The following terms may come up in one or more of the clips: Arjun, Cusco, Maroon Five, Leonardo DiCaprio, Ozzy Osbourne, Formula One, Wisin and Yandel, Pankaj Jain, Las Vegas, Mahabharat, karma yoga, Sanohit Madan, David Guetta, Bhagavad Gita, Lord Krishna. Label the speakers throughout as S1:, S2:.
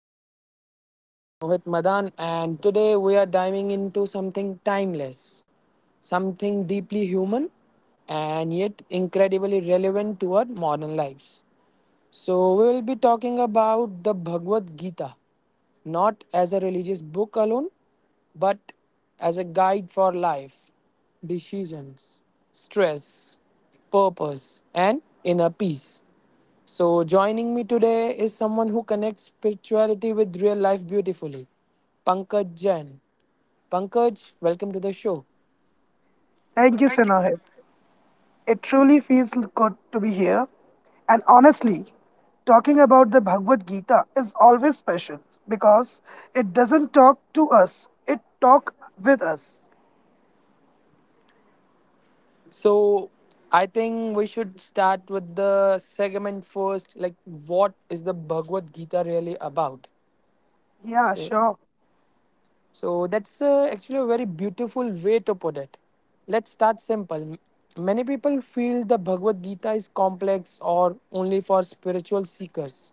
S1: I'm your host, Sanohit Madan, and today we are diving into something timeless, something deeply human, and yet incredibly relevant to our modern lives. So, we will be talking about the Bhagavad Gita, not as a religious book alone, but as a guide for life, decisions, stress, purpose, and inner peace. So, joining me today is someone who connects spirituality with real life beautifully, Pankaj Jain. Pankaj, welcome to the show.
S2: Thank you, Senahib. It truly feels good to be here. And honestly, talking about the Bhagavad Gita is always special because it doesn't talk to us, it talks with us.
S1: So, I think we should start with the segment first. Like, what is the Bhagavad Gita really about?
S2: Yeah,
S1: So.
S2: sure.
S1: So that's actually a very beautiful way to put it. Let's start simple. Many people feel the Bhagavad Gita is complex or only for spiritual seekers.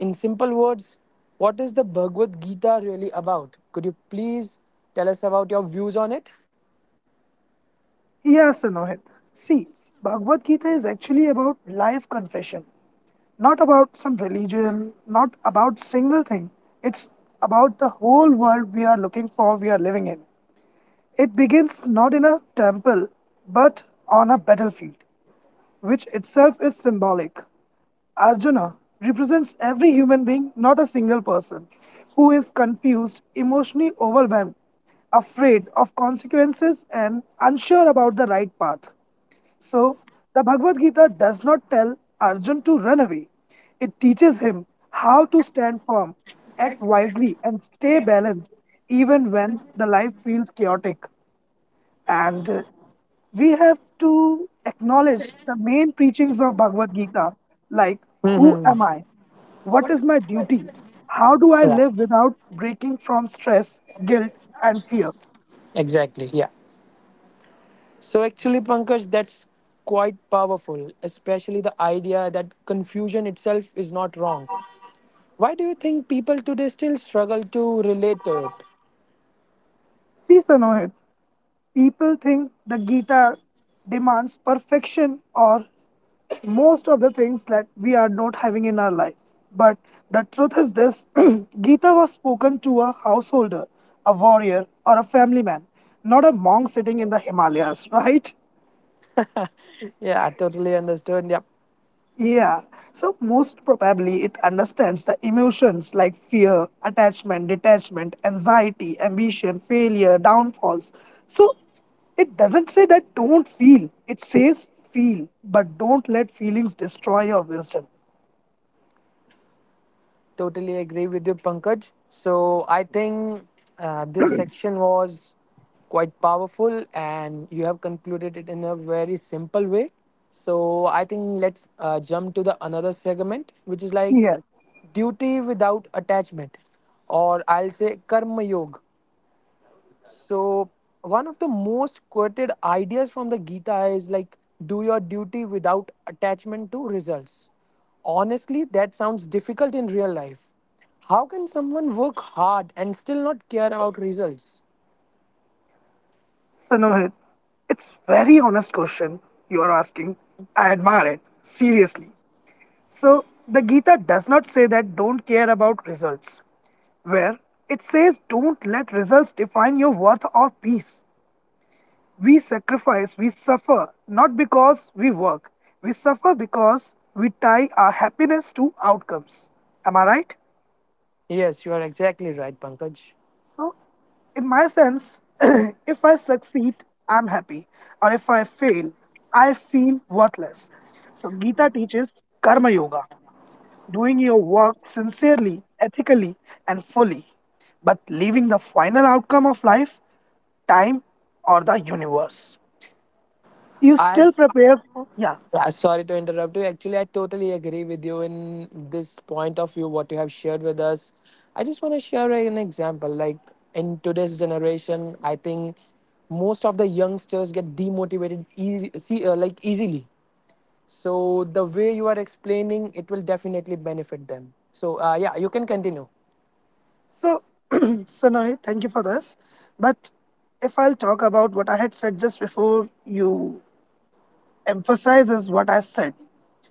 S1: In simple words, what is the Bhagavad Gita really about? Could you please tell us about your views on it?
S2: Yeah, Senahib. See, Bhagavad Gita is actually about life confession, not about some religion, not about single thing. It's about the whole world we are looking for, we are living in. It begins not in a temple but on a battlefield, which itself is symbolic. Arjuna represents every human being, not a single person, who is confused, emotionally overwhelmed, afraid of consequences, and unsure about the right path. So, the Bhagavad Gita does not tell Arjun to run away. It teaches him how to stand firm, act wisely, and stay balanced even when the life feels chaotic and we have to acknowledge the main preachings of Bhagavad Gita, like who
S1: hmm
S2: am I? What is my duty? How do
S1: Yeah,
S2: I live without breaking from stress, guilt, and fear?
S1: exactly. Yeah. So actually, Pankaj, that's quite powerful, especially the idea that confusion itself is not wrong. Why do you think people today still struggle to relate to it?
S2: See, Sanohit, people think the Gita demands perfection or most of the things that we are not having in our life. But the truth is this Gita was spoken to a householder, a warrior, or a family man, not a monk sitting in the Himalayas, right?
S1: Yeah, I totally understood. Yep,
S2: Yeah, so most probably it understands the emotions like fear, attachment, detachment, anxiety, ambition, failure, downfalls. So it doesn't say that don't feel, it says feel, but don't let feelings destroy your wisdom.
S1: totally agree with you, Pankaj. So I think this section was quite powerful, and you have concluded it in a very simple way. So I think let's jump to the another segment, which is like
S2: Yes,
S1: duty without attachment, or I'll say karma yoga. So, one of the most quoted ideas from the Gita is like, do your duty without attachment to results. Honestly, that sounds difficult in real life. How can someone work hard and still not care about results?
S2: Sanohit, it's very honest question you are asking. I admire it, seriously. So the Gita does not say that don't care about results. Where it says don't let results define your worth or peace. We sacrifice, we suffer, not because we work. We suffer because we tie our happiness to outcomes. Am I right?
S1: Yes, you are exactly right, Pankaj.
S2: So, in my sense, if I succeed, I'm happy. Or if I fail, I feel worthless. So, Gita teaches Karma Yoga. Doing your work sincerely, ethically, and fully, but leaving the final outcome of life, time, or the universe. You
S1: I.
S2: still prepare for, yeah.
S1: Yeah, sorry to interrupt you. Actually, I totally agree with you in this point of view, what you have shared with us. I just want to share an example. Like in today's generation, I think most of the youngsters get demotivated easy, see, like easily. So the way you are explaining, it will definitely benefit them. So yeah, you can continue.
S2: So, Sanoy, thank you for this. But if I'll talk about what I had said just before, you emphasize is what I said.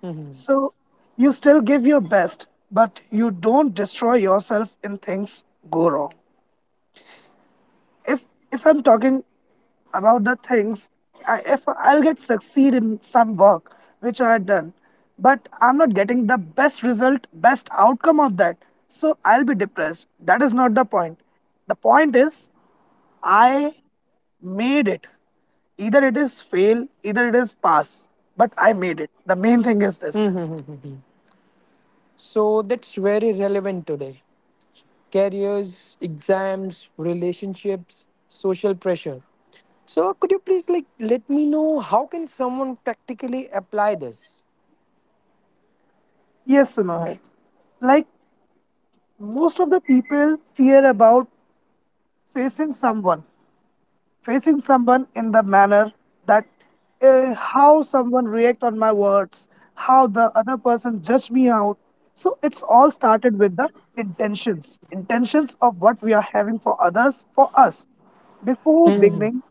S1: Mhm.
S2: So, you still give your best, but you don't destroy yourself in things go wrong. if if I'm talking about the things I, if I'll get succeed in some work which I had done but I'm not getting the best result best outcome of that so I'll be depressed. That is not the point. The point is I made it, either it is fail either it is pass, but I made it. The main thing is this.
S1: Mhm. So that's very relevant today. Careers, exams, relationships, social pressure. So could you please like let me know how can someone practically apply this?
S2: Yes, Sunohit. Like, most of the people fear about facing someone facing someone in the manner that how someone react on my words, how the other person judge me out. So it's all started with the intentions of what we are having for others for us. Before
S1: Mhm.
S2: beginning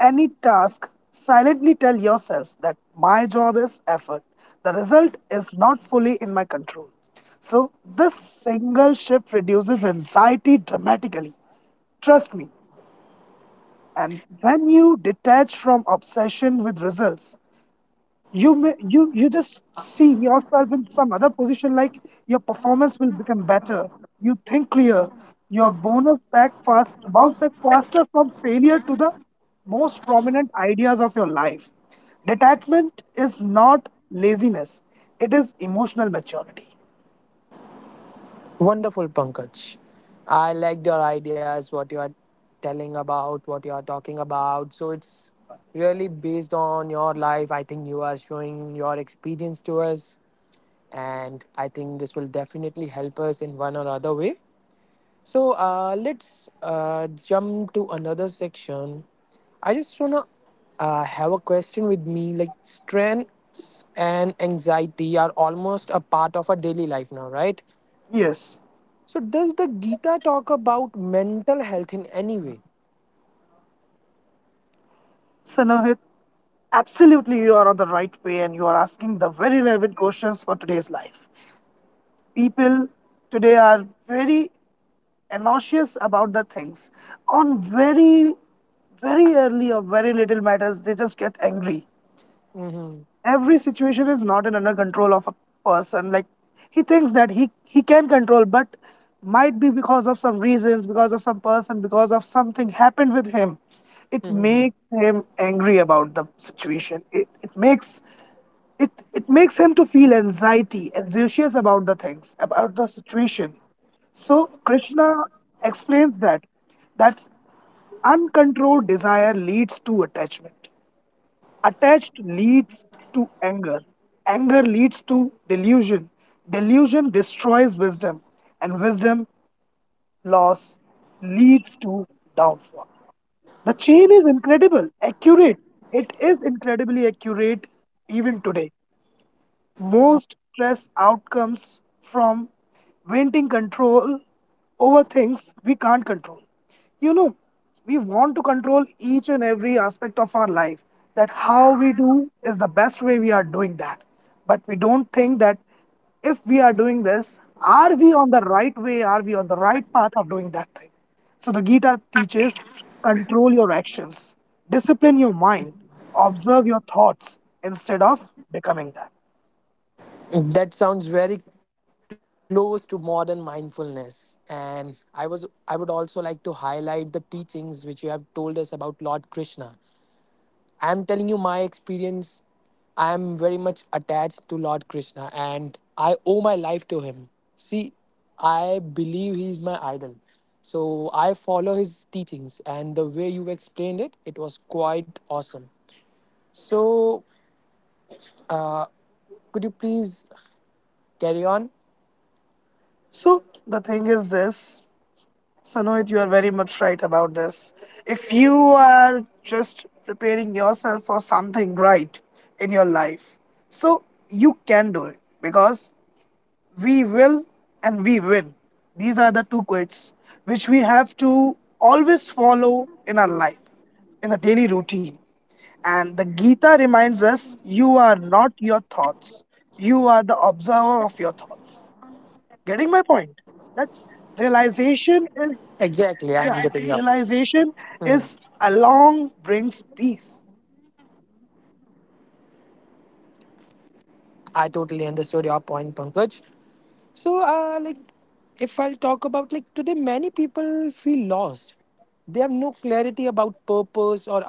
S2: any task, silently tell yourself that my job is effort. The result is not fully in my control. So, this single shift reduces anxiety dramatically. Trust me, and when you detach from obsession with results, you just see yourself in some other position. Like, your performance will become better, you think clear, your bonus back fast bounce back faster from failure to the most prominent ideas of your life. Detachment is not laziness, it is emotional maturity.
S1: Wonderful, Pankaj. I liked your ideas, what you are telling about, what you are talking about. So it's really based on your life. I think you are showing your experience to us, and I think this will definitely help us in one or other way. So let's jump to another section. I just wanna have a question with me. Like stress and anxiety are almost a part of our daily life now, right?
S2: Yes,
S1: So does the Gita talk about mental health in any way?
S2: Sanohit, absolutely you are on the right way and you are asking the very relevant questions for today's life. People today are very anxious about the things. On very very early or very little matters they just get angry.
S1: hmm
S2: Every situation is not in under control of a person. Like, he thinks that he can control, but might be because of some reasons, because of some person, because of something happened with him, it
S1: hmm
S2: makes him angry about the situation. It makes him to feel anxiety anxious about the things, about the situation. So Krishna explains that uncontrolled desire leads to attachment, attached leads to anger, anger leads to delusion, delusion destroys wisdom, and wisdom loss leads to downfall. The chain is incredible accurate. It is incredibly accurate even today. Most stress outcomes from wanting control over things we can't control. You know, we want to control each and every aspect of our life, that how we do is the best way we are doing that. But we don't think that if we are doing this, are we on the right way? Are we on the right path of doing that thing? So the Gita teaches control your actions, discipline your mind, observe your thoughts instead of becoming them.
S1: That sounds very close to modern mindfulness. And I would also like to highlight the teachings which you have told us about Lord Krishna. I'm telling you my experience. I am very much attached to Lord Krishna and I owe my life to him. See, I believe he is my idol. So I follow his teachings and the way you explained it, it was quite awesome. So, uh, could you please carry on?
S2: So the thing is this, Sanohit, you are very much right about this. If you are just preparing yourself for something right in your life, so you can do it because we will and we win. These are the two quotes which we have to always follow in our life, in the daily routine. And the Gita reminds us you are not your thoughts, you are the observer of your thoughts. Getting my point? That
S1: Exactly, I'm
S2: realization
S1: getting
S2: is
S1: up.
S2: yeah, realization is along brings peace.
S1: I totally understood your point, Pankaj. So, like, if I'll talk about like today, many people feel lost. They have no clarity about purpose or identity.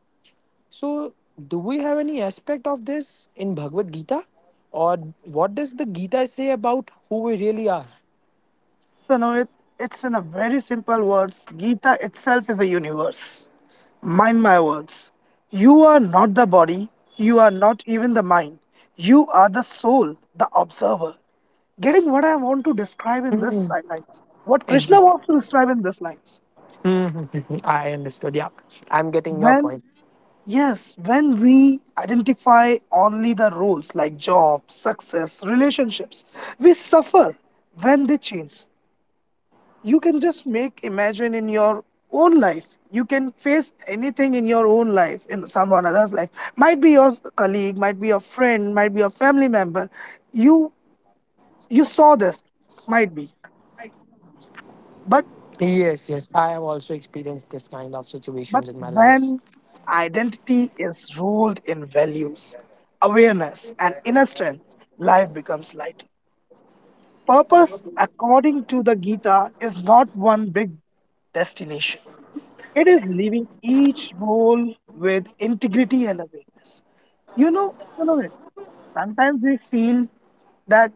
S1: So, do we have any aspect of this in Bhagavad Gita, or what does the Gita say about who we really are?
S2: So now it's in a very simple words. Gita itself is a universe. Mind my words. You are not the body. You are not even the mind. You are the soul, the observer. Getting what I want to describe in this lines. What
S1: Exactly.
S2: Krishna wants to describe in this lines.
S1: Mhm. I understood. Yeah, I'm getting your
S2: When.
S1: point.
S2: Yes, when we identify only the roles like job, success, relationships, we suffer when they change. You can just make imagine in your own life. You can face anything in your own life, in someone else's life. Might be your colleague, might be your friend, might be your family member. You you saw this, might be. But
S1: Yes, yes. I have also experienced this kind of situations in my
S2: but
S1: life.
S2: when identity is ruled in values, awareness, and inner strength, life becomes lighter. Purpose, according to the Gita, is not one big destination. It is living each role with integrity and awareness. You know it. Sometimes we feel that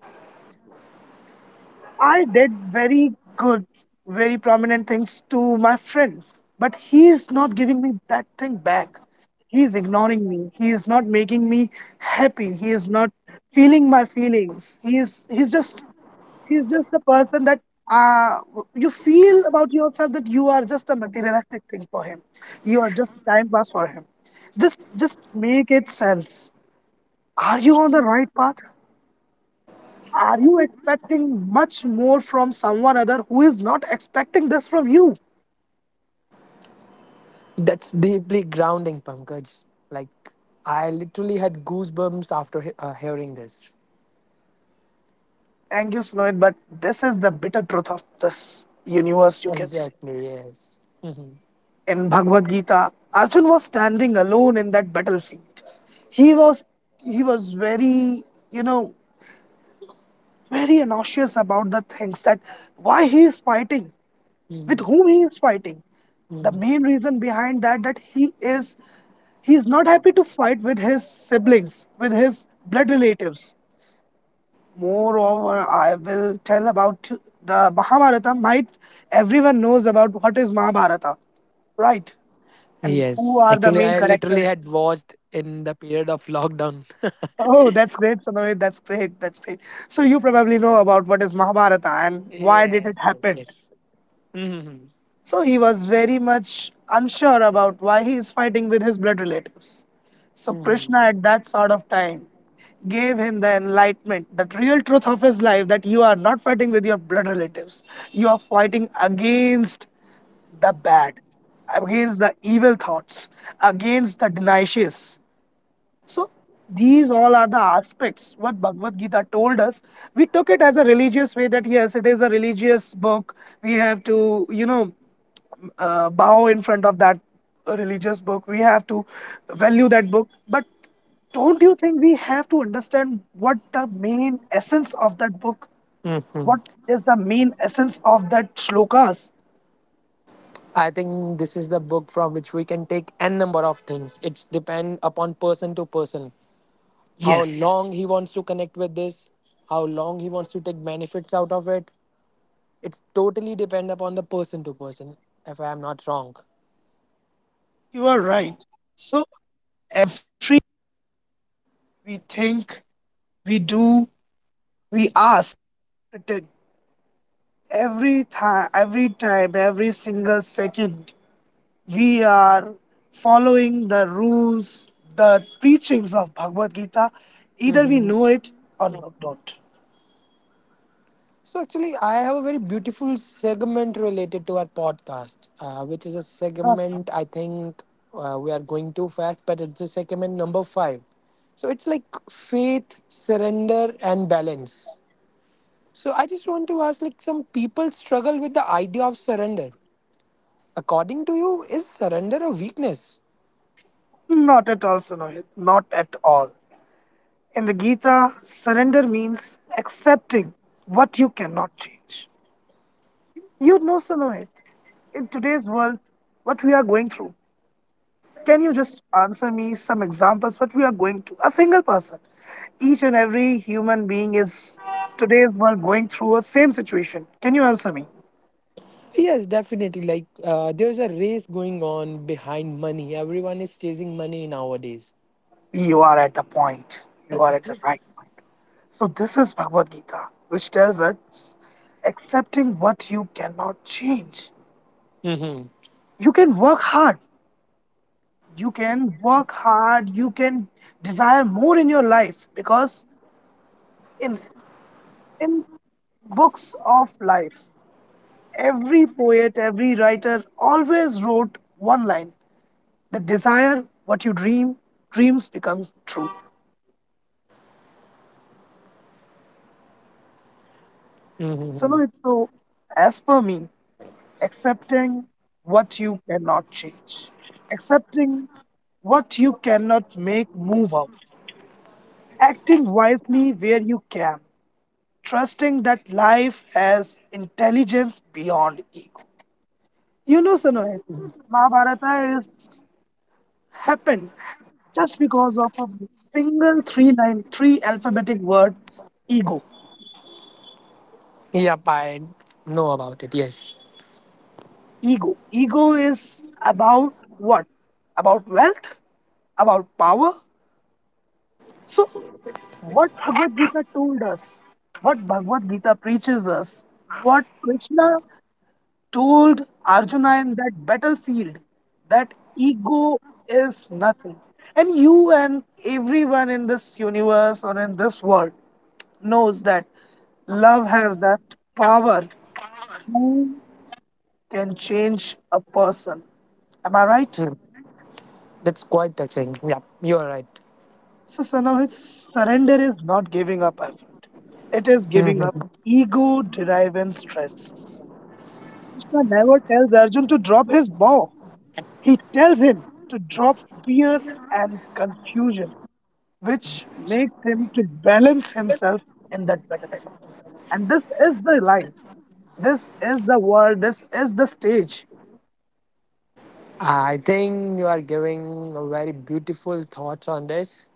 S2: I did very good, very prominent things to my friend, but he is not giving me that thing back. He is ignoring me. He is not making me happy. He is not feeling my feelings. He's just the person that uh, you feel about yourself that you are just a materialistic thing for him. You are just a time pass for him. Just make it sense. Are you on the right path? Are you expecting much more from someone other who is not expecting this from you?
S1: That's deeply grounding, Pankaj. Like, I literally had goosebumps after hearing this.
S2: Thank you, Snoit, but this is the bitter truth of this universe, you can say.
S1: Exactly, yes. Mhm,
S2: In Bhagavad Gita, Arjun was standing alone in that battlefield. He was he was very, you know, very nauseous about the things that why he is fighting, with
S1: mhm,
S2: whom he is fighting. The
S1: mhm.
S2: main reason behind that he is not happy to fight with his siblings, with his blood relatives. Moreover, I will tell about the Mahabharata. Might everyone knows about what is Mahabharata, right? And who
S1: Yes,
S2: are the
S1: actually,
S2: main
S1: I
S2: characters?
S1: literally had watched in the period of lockdown.
S2: Oh, that's great, Sanohit. That's great. That's great. So you probably know about what is Mahabharata and why did
S1: Yes,
S2: it
S1: yes,
S2: happen.
S1: yes. Mhm,
S2: So he was very much unsure about why he is fighting with his blood relatives. So
S1: mhm,
S2: Krishna, at that sort of time, gave him the enlightenment, the real truth of his life that you are not fighting with your blood relatives, you are fighting against the bad, against the evil thoughts, against the denials. So these all are the aspects what Bhagavad Gita told us. We took it as a religious way that yes, it is a religious book. We have to, you know, bow in front of that religious book. We have to value that book. But don't you think we have to understand what the main essence of that book?
S1: mhm.
S2: What is the main essence of that shlokas?
S1: I think this is the book from which we can take n number of things. It's depend upon person to person. How
S2: Yes,
S1: long he wants to connect with this, how long he wants to take benefits out of it, it's totally depend upon the person to person, if I am not wrong.
S2: every time, every single second, we are following the rules, the preachings of Bhagavad Gita, either we
S1: hmm
S2: know it or not. Don't.
S1: So actually, I have a very beautiful segment related to our podcast, which is a
S2: Uh,
S1: segment I think we are going too fast, but it's a segment number five. So it's like faith, surrender, and balance. So I just want to ask, like, some people struggle with the idea of surrender. According to you, is surrender a weakness?
S2: Not at all, Sunohit. Not at all. In the Gita, surrender means accepting what you cannot change. You know, Sunohit, today's world, what we are going through. Can you just answer me some examples what we are going to a single person? Each and every human being is today's world going through a same situation. Can you answer me?
S1: Yes, definitely. Like, there's a race going on behind money. Everyone is chasing money nowadays.
S2: You are at the point. You are at the right point. So this is Bhagavad Gita, which tells us accepting what you cannot change.
S1: Mm-hmm.
S2: You can work hard. You can desire more in your life because in in books of life every poet, every writer always wrote one line the desire what you dream, dreams become true. So, no,
S1: Mm-hmm.
S2: as per me, accepting what you cannot change, accepting what you cannot make move out, acting wisely where you can, trusting that life has intelligence beyond ego. You know, Sanohit, Mahabharata is happened just because of a single three line three alphabetic word ego.
S1: Yep, I know about it. Yes,
S2: Ego is about what, about wealth, about power. So what Bhagavad Gita told us, what Bhagavad Gita preaches us, what Krishna told Arjuna in that battlefield, that ego is nothing. And you and everyone in this universe or in this world knows that love has that power who can change a person. Am I right?
S1: that's quite touching. Yep, you're right.
S2: So, son of its surrender is not giving up effort. It is giving up
S1: Mhm.
S2: ego driven stress. Krishna never tells Arjun to drop his bow. He tells him to drop fear and confusion, which makes him to balance himself in that battlefield. And this is the line. This is the world. This is the stage.
S1: I think you are giving a very beautiful thoughts on this.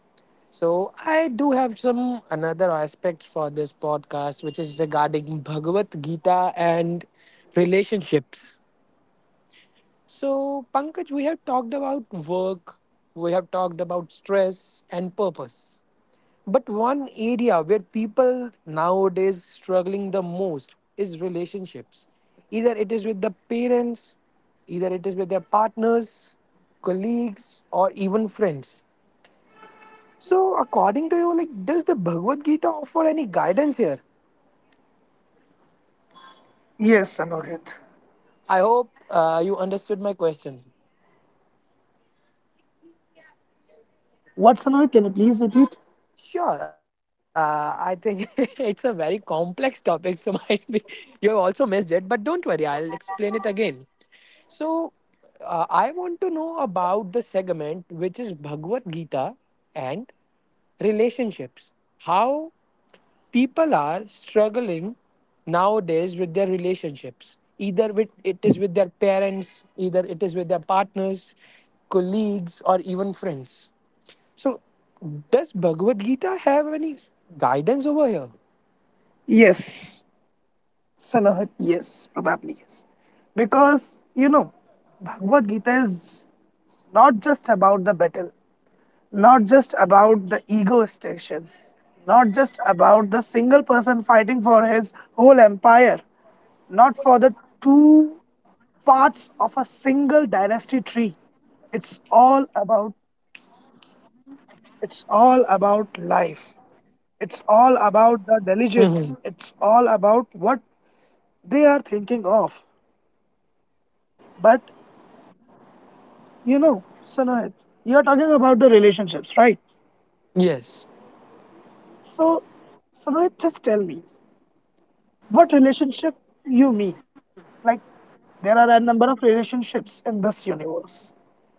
S1: So I do have some another aspects for this podcast, which is regarding Bhagavad Gita and relationships. So, Pankaj, we have talked about work, we have talked about stress and purpose. But one area where people nowadays struggling the most is relationships. Either it is with the parents, either it is with their partners, colleagues, or even friends. So, according to you, like, does the Bhagavad Gita offer any guidance here?
S2: Yes, Sanohit.
S1: I hope you understood my question.
S2: What, Sanohit? Can you please repeat?
S1: Sure. I think it's a very complex topic, so might be you have also missed it, but don't worry, I'll explain it again. So, I want to know about the segment which is Bhagavad Gita and relationships. How people are struggling nowadays with their relationships. Either with it is with their parents, either it is with their partners, colleagues, or even friends, so, does Bhagavad Gita have any guidance over here?
S2: Yes, Sanohit. Yes, probably yes. Because, you know, Bhagavad Gita is not just about the battle, not just about the ego stations, not just about the single person fighting for his whole empire, not for the two parts of a single dynasty tree. It's all about it's all about life. It's all
S1: hmm
S2: about the diligence. It's all about what they are thinking of. But you know, Sanohit, you are talking about the relationships, right?
S1: Yes.
S2: So, Sanohit, just tell me what relationship you mean. Like there are a number of relationships in this universe.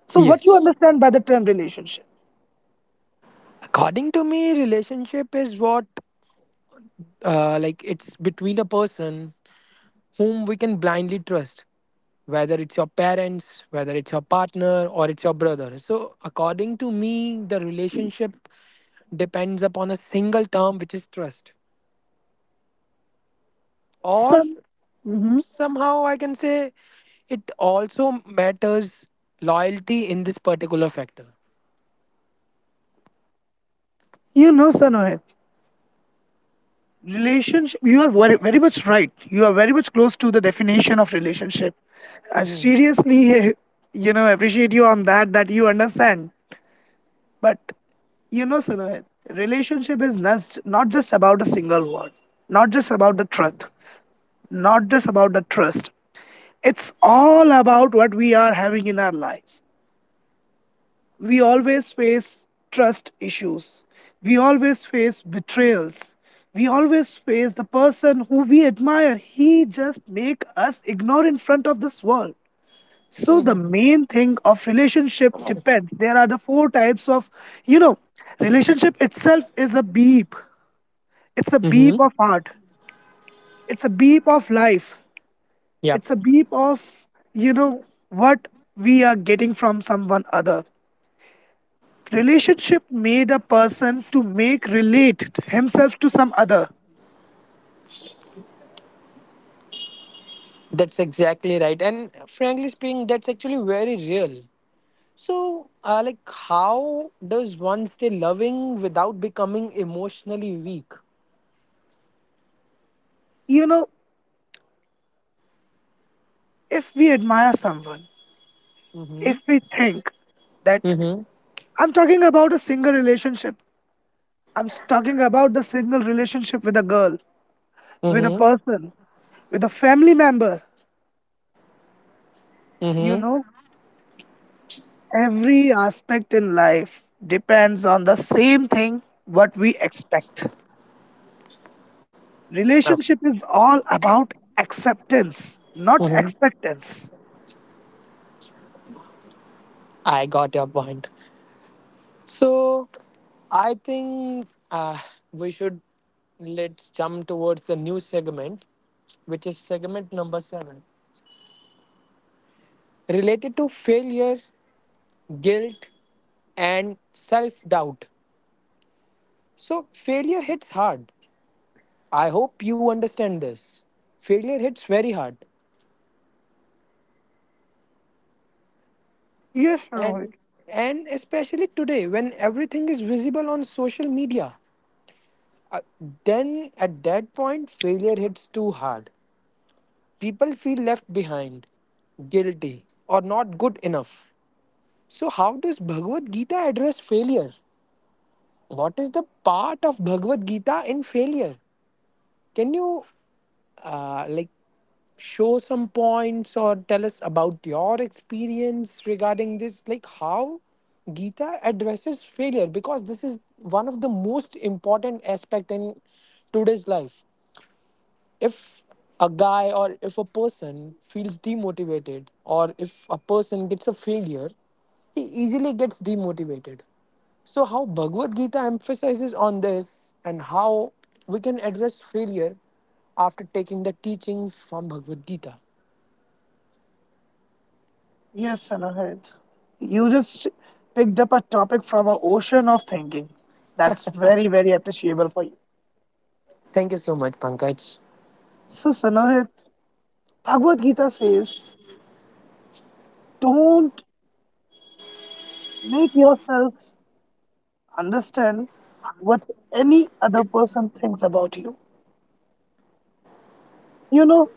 S2: So what you
S1: Yes.
S2: understand by the term relationship?
S1: According to me, relationship is what, like, it's between a person whom we can blindly trust, whether it's your parents, whether it's your partner, or it's your brother. So, according to me, the relationship depends upon a single term, which is trust. Or
S2: Some, mhm.
S1: somehow I can say it also matters loyalty in this particular factor.
S2: You know, Sanohit, relationship. You are very, very much right. You are very much close to the definition of relationship. I
S1: Mm-hmm.
S2: seriously, you know, appreciate you on that. That you understand. But you know, Sanohit, relationship is not just about a single word, not just about the truth, not just about the trust. It's all about what we are having in our life. We always face trust issues. We always face betrayals. We always face the person who we admire. He just make us ignore in front of this world. So the
S1: Mm-hmm.
S2: main thing of relationship depends. There are the four types of, you know, relationship itself is a beep. It's a
S1: hmm
S2: beep of heart. It's a beep of life.
S1: Yeah,
S2: It's a beep of, you know, what we are getting from someone other. Relationship made a person to make relate himself to some other.
S1: that's exactly right. And frankly speaking, that's actually very real. So, like, how does one stay loving without becoming emotionally weak?
S2: You know, if we admire someone,
S1: Mm-hmm.
S2: if we think that
S1: Mm-hmm.
S2: I'm talking about a single relationship, talking about the single relationship with a girl, with a
S1: Mm-hmm.
S2: person, with a family member. You
S1: Mm-hmm.
S2: know, every aspect in life depends on the same thing what we expect.
S1: Oh.
S2: Relationship is all about acceptance, not
S1: Mm-hmm.
S2: expectance.
S1: I got your point. So, I think we should let's jump towards the new segment, which is segment number seven, related to failure, guilt, and self doubt. So, failure hits hard. I hope you understand this. Failure hits very hard,
S2: Yes, Rohit.
S1: and and especially today when everything is visible on social media, uh, then at that point failure hits too hard. People feel left behind, guilty, or not good enough. So, how does Bhagavad Gita address failure? What is the part of Bhagavad Gita in failure? Can you like show some points or tell us about your experience regarding this? Like how Gita addresses failure because this is one of the most important aspect in today's life. If a guy or if a person feels demotivated or if a person gets a failure, he easily gets demotivated. So, how Bhagavad Gita emphasizes on this and how we can address failure after taking the teachings from Bhagavad Gita.
S2: Yes, Rohit. You just picked up a topic from an ocean of thinking. That's very, very appreciable for you.
S1: Thank you so much, Pankaj.
S2: So, Sanohit, Bhagavad Gita says, don't make yourself understand what any other person thinks about you. You know,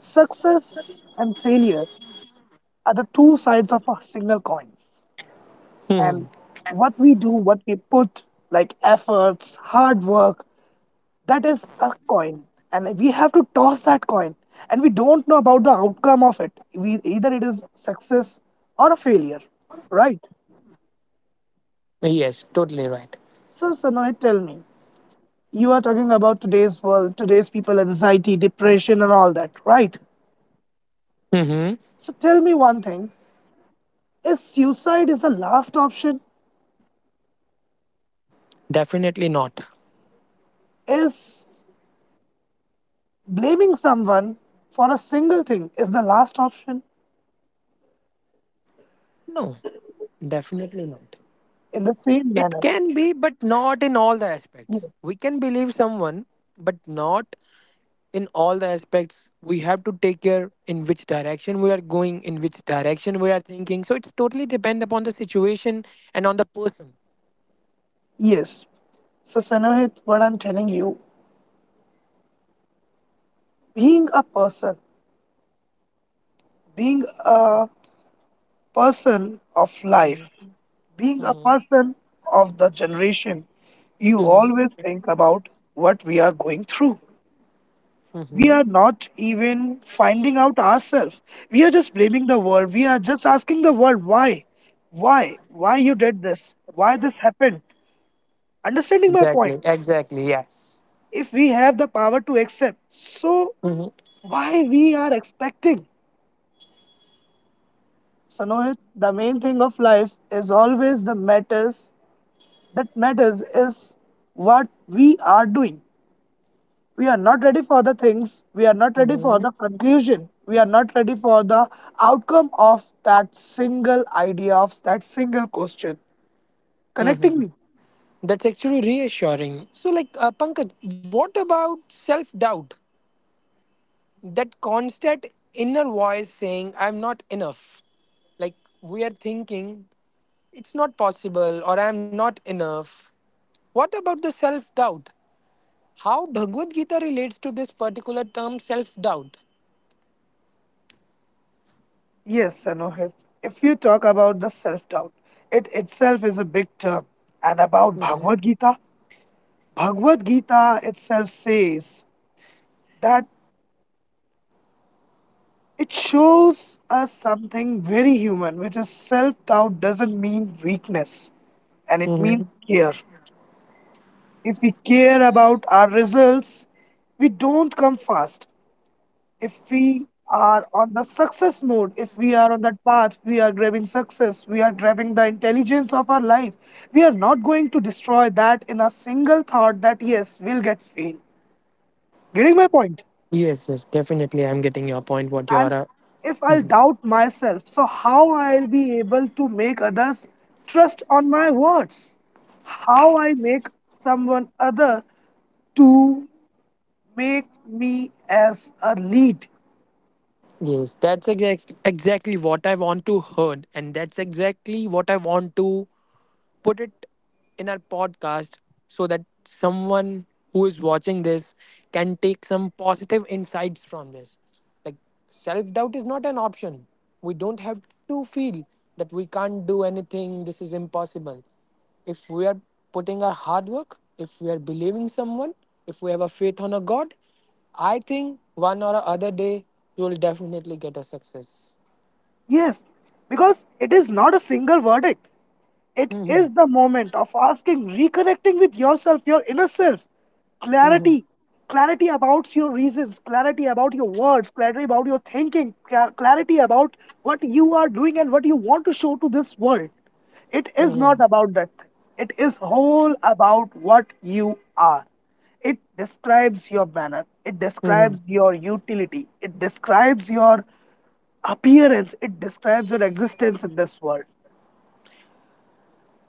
S2: success and failure are the two sides of a single coin. And
S1: Hmm.
S2: what we do, what we put like efforts, hard work, that is a coin, and we have to toss that coin, and we don't know about the outcome of it. We either it is success or a failure, right?
S1: Yes, totally right.
S2: So Sanoy, tell me, you are talking about today's world, today's people, anxiety, depression, and all that, right?
S1: Mm-hmm.
S2: So tell me one thing, is suicide is the last option,
S1: Definitely not.
S2: is blaming someone for a single thing is the last option
S1: No, definitely not.
S2: in the same
S1: It
S2: manner.
S1: can be, but not in all the aspects.
S2: Ye-
S1: We can believe someone, but not in all the aspects. We have to take care in which direction we are going, in which direction we are thinking. So it's totally depend upon the situation and on the person.
S2: Yes. So, Sanahit, what I'm telling you, being a person, being a person of life,
S1: Hmm.
S2: being a
S1: Hmm.
S2: person of the generation, you always
S1: Hmm.
S2: think about what we are going through. We
S1: Hmm.
S2: are not even finding out ourselves. We are just blaming the world. We are just asking the world why you did this, why this happened. Understanding my
S1: Exactly.
S2: point,
S1: Exactly. Yes.
S2: if we have the power to accept, so
S1: Hmm.
S2: why we are expecting. So Nohit, the main thing of life is always the matters that matters is what we are doing. We are not ready for the things, we are not ready for
S1: Hmm.
S2: the conclusion, we are not ready for the outcome of that single idea of that single question. Connecting
S1: Hmm.
S2: me?
S1: That's actually reassuring. So, like, Pankaj, what about self doubt? That constant inner voice saying I'm not enough. Like, we are thinking it's not possible or I'm not enough. What about the self doubt? How Bhagavad Gita relates to this particular term self doubt?
S2: Yes, Sanohit. If you talk about the self doubt, it itself is a big term. And about Bhagavad Gita, Bhagavad Gita itself says that it shows us something very human, which is self doubt doesn't mean weakness and it means
S1: hmm
S2: care. If we care about our results, we don't come fast. If we are on the success mode, if we are on that path, we are grabbing success, we are grabbing the intelligence of our life. We are not going to destroy that in a single thought that, yes, we'll get failed. Getting my point?
S1: yes, yes, definitely I'm getting your point what you
S2: And
S1: are
S2: if I'll
S1: Mhm.
S2: doubt myself, so how I'll be able to make others trust on my words? How I make someone other to make me as a lead?
S1: Yes, that's exactly what I want to heard, and that's exactly what I want to put it in our podcast so that someone who is watching this can take some positive insights from this. Like, self doubt is not an option. We don't have to feel that we can't do anything, this is impossible. If we are putting our hard work, if we are believing someone, if we have a faith on a God, I think one or other day you will definitely get a success.
S2: Yes, because it is not a single verdict. It
S1: Hmm.
S2: is the moment of asking, reconnecting with yourself, your inner self. Clarity. Clarity about your reasons, clarity about your words, clarity about your thinking, clarity about what you are doing and what you want to show to this world. It is not about that thing. It is whole about what you are. It describes your manner. It describes your utility. It describes your appearance. It describes your existence in this world.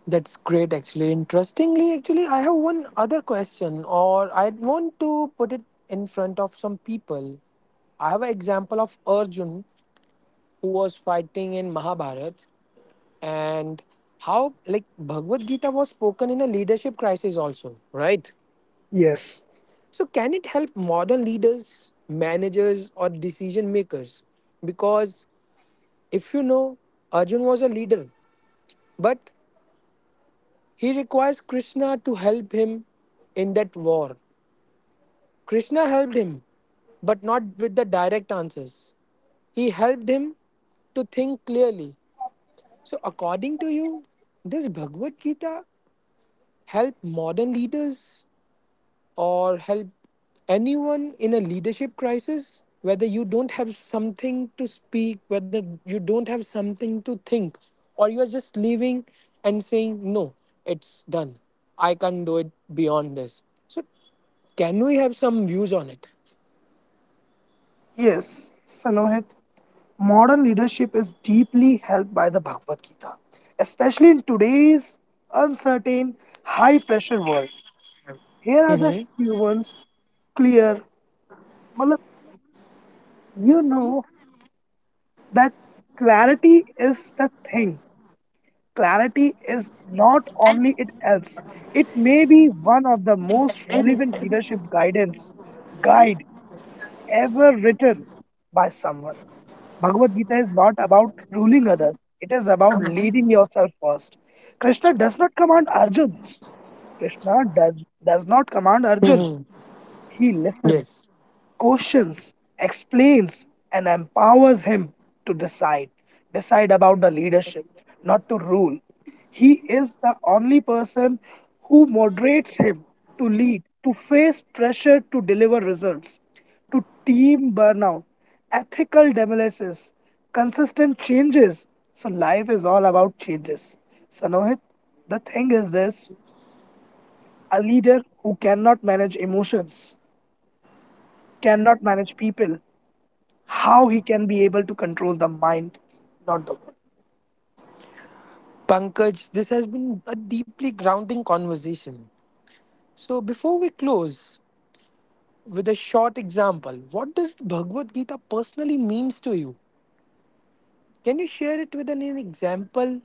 S1: That's great, actually. Interestingly, actually, I have one other question, or I'd want to put it in front of some people. I have an example of Arjun who was fighting in Mahabharat, and how like Bhagavad Gita was spoken in a leadership crisis, also, right?
S2: Yes.
S1: So, can it help modern leaders, managers, or decision makers? Because if you know, Arjun was a leader, but he requires Krishna to help him in that war. Krishna helped him, but not with the direct answers. He helped him to think clearly. So, according to you, does Bhagavad Gita help modern leaders or help anyone in a leadership crisis? Whether you don't have something to speak, whether you don't have something to think, or you are just leaving and saying, No, it's done. I can't do it beyond this. So, can we have some views on it?
S2: Yes, Sanohit, modern leadership is deeply helped by the Bhagavad Gita, especially in today's uncertain, high pressure world. Here
S1: Mm-hmm.
S2: are the humans clear. Matlab, you know that clarity is the thing. Clarity is not only it helps, it may be one of the most relevant leadership guidance guide ever written by someone. Bhagavad Gita is not about ruling others, it is about leading yourself first. Krishna does not command Arjun. Krishna does, does not command Arjun. He listens,
S1: Yes.
S2: questions, explains, and empowers him to decide, decide about the leadership, not to rule. He is the only person who moderates him to lead, to face pressure, to deliver results, to team burnout, ethical demolitions, consistent changes. So life is all about changes. Sanohit, the thing is this, a leader who cannot manage emotions, cannot manage people, how he can be able to control the mind, not the word.
S1: Pankaj, this has been a deeply grounding conversation. So, before we close with a short example, what does Bhagavad Gita personally means to you? Can you share it with an example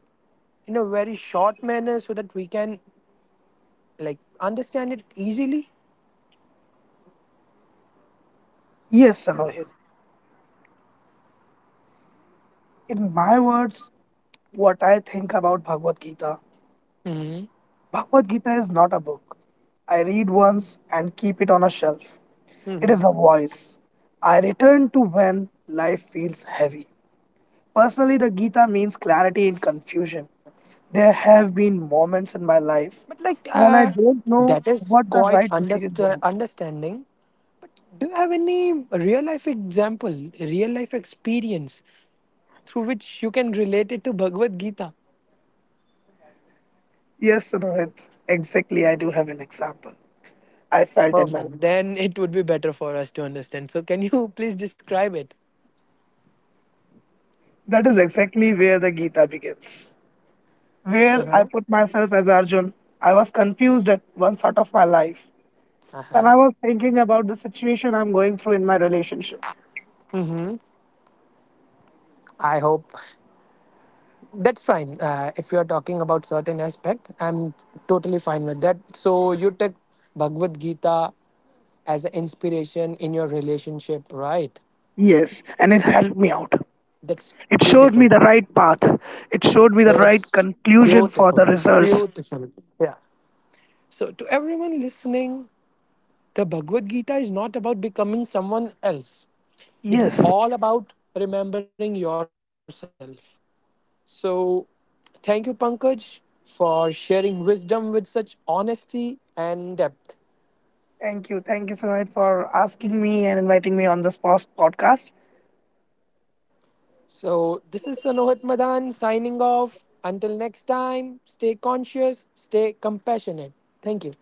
S1: in a very short manner so that we can like understand it easily?
S2: Yes, Sanohit. In my words, what I think about Bhagavad Gita,
S1: hmm
S2: Bhagavad Gita is not a book. I read once and keep it on a shelf. It is a
S1: hmm
S2: voice. I return to when life feels heavy. Personally, the Gita means clarity in confusion. There have been moments in my life
S1: But like
S2: when I don't know
S1: that is
S2: what the
S1: quite
S2: right decision was.
S1: understanding. Do you have any real life example, real life experience through which you can relate it to Bhagavad Gita?
S2: Yes, Sanohit, exactly. I do have an example. I felt invalid.
S1: Perfect. Then it would be better for us to understand. So, can you please describe it?
S2: That is exactly where the Gita begins,
S1: Uh
S2: where I
S1: huh.
S2: put myself as Arjun. I was confused at one sort of my life
S1: Uh
S2: when
S1: huh.
S2: I was thinking about the situation I'm going through in my relationship.
S1: Mm-hmm. I hope that's fine. If you are talking about certain aspect, I'm totally fine with that. So, you took Bhagavad Gita as an inspiration in your relationship, right?
S2: Yes, and it helped me out.
S1: That's
S2: It showed me the
S1: beautiful.
S2: right path. It showed me the
S1: That's
S2: right
S1: beautiful.
S2: conclusion for the results.
S1: Beautiful. Yeah. So, to everyone listening, the Bhagavad Gita is not about becoming someone else.
S2: Yes.
S1: It's all about remembering yourself. So, thank you, Pankaj, for sharing wisdom with such honesty and depth.
S2: Thank you. Thank you so much for asking me and inviting me on this podcast.
S1: So, this is Sanohit Madan signing off. Until next time, stay conscious, stay compassionate. Thank you.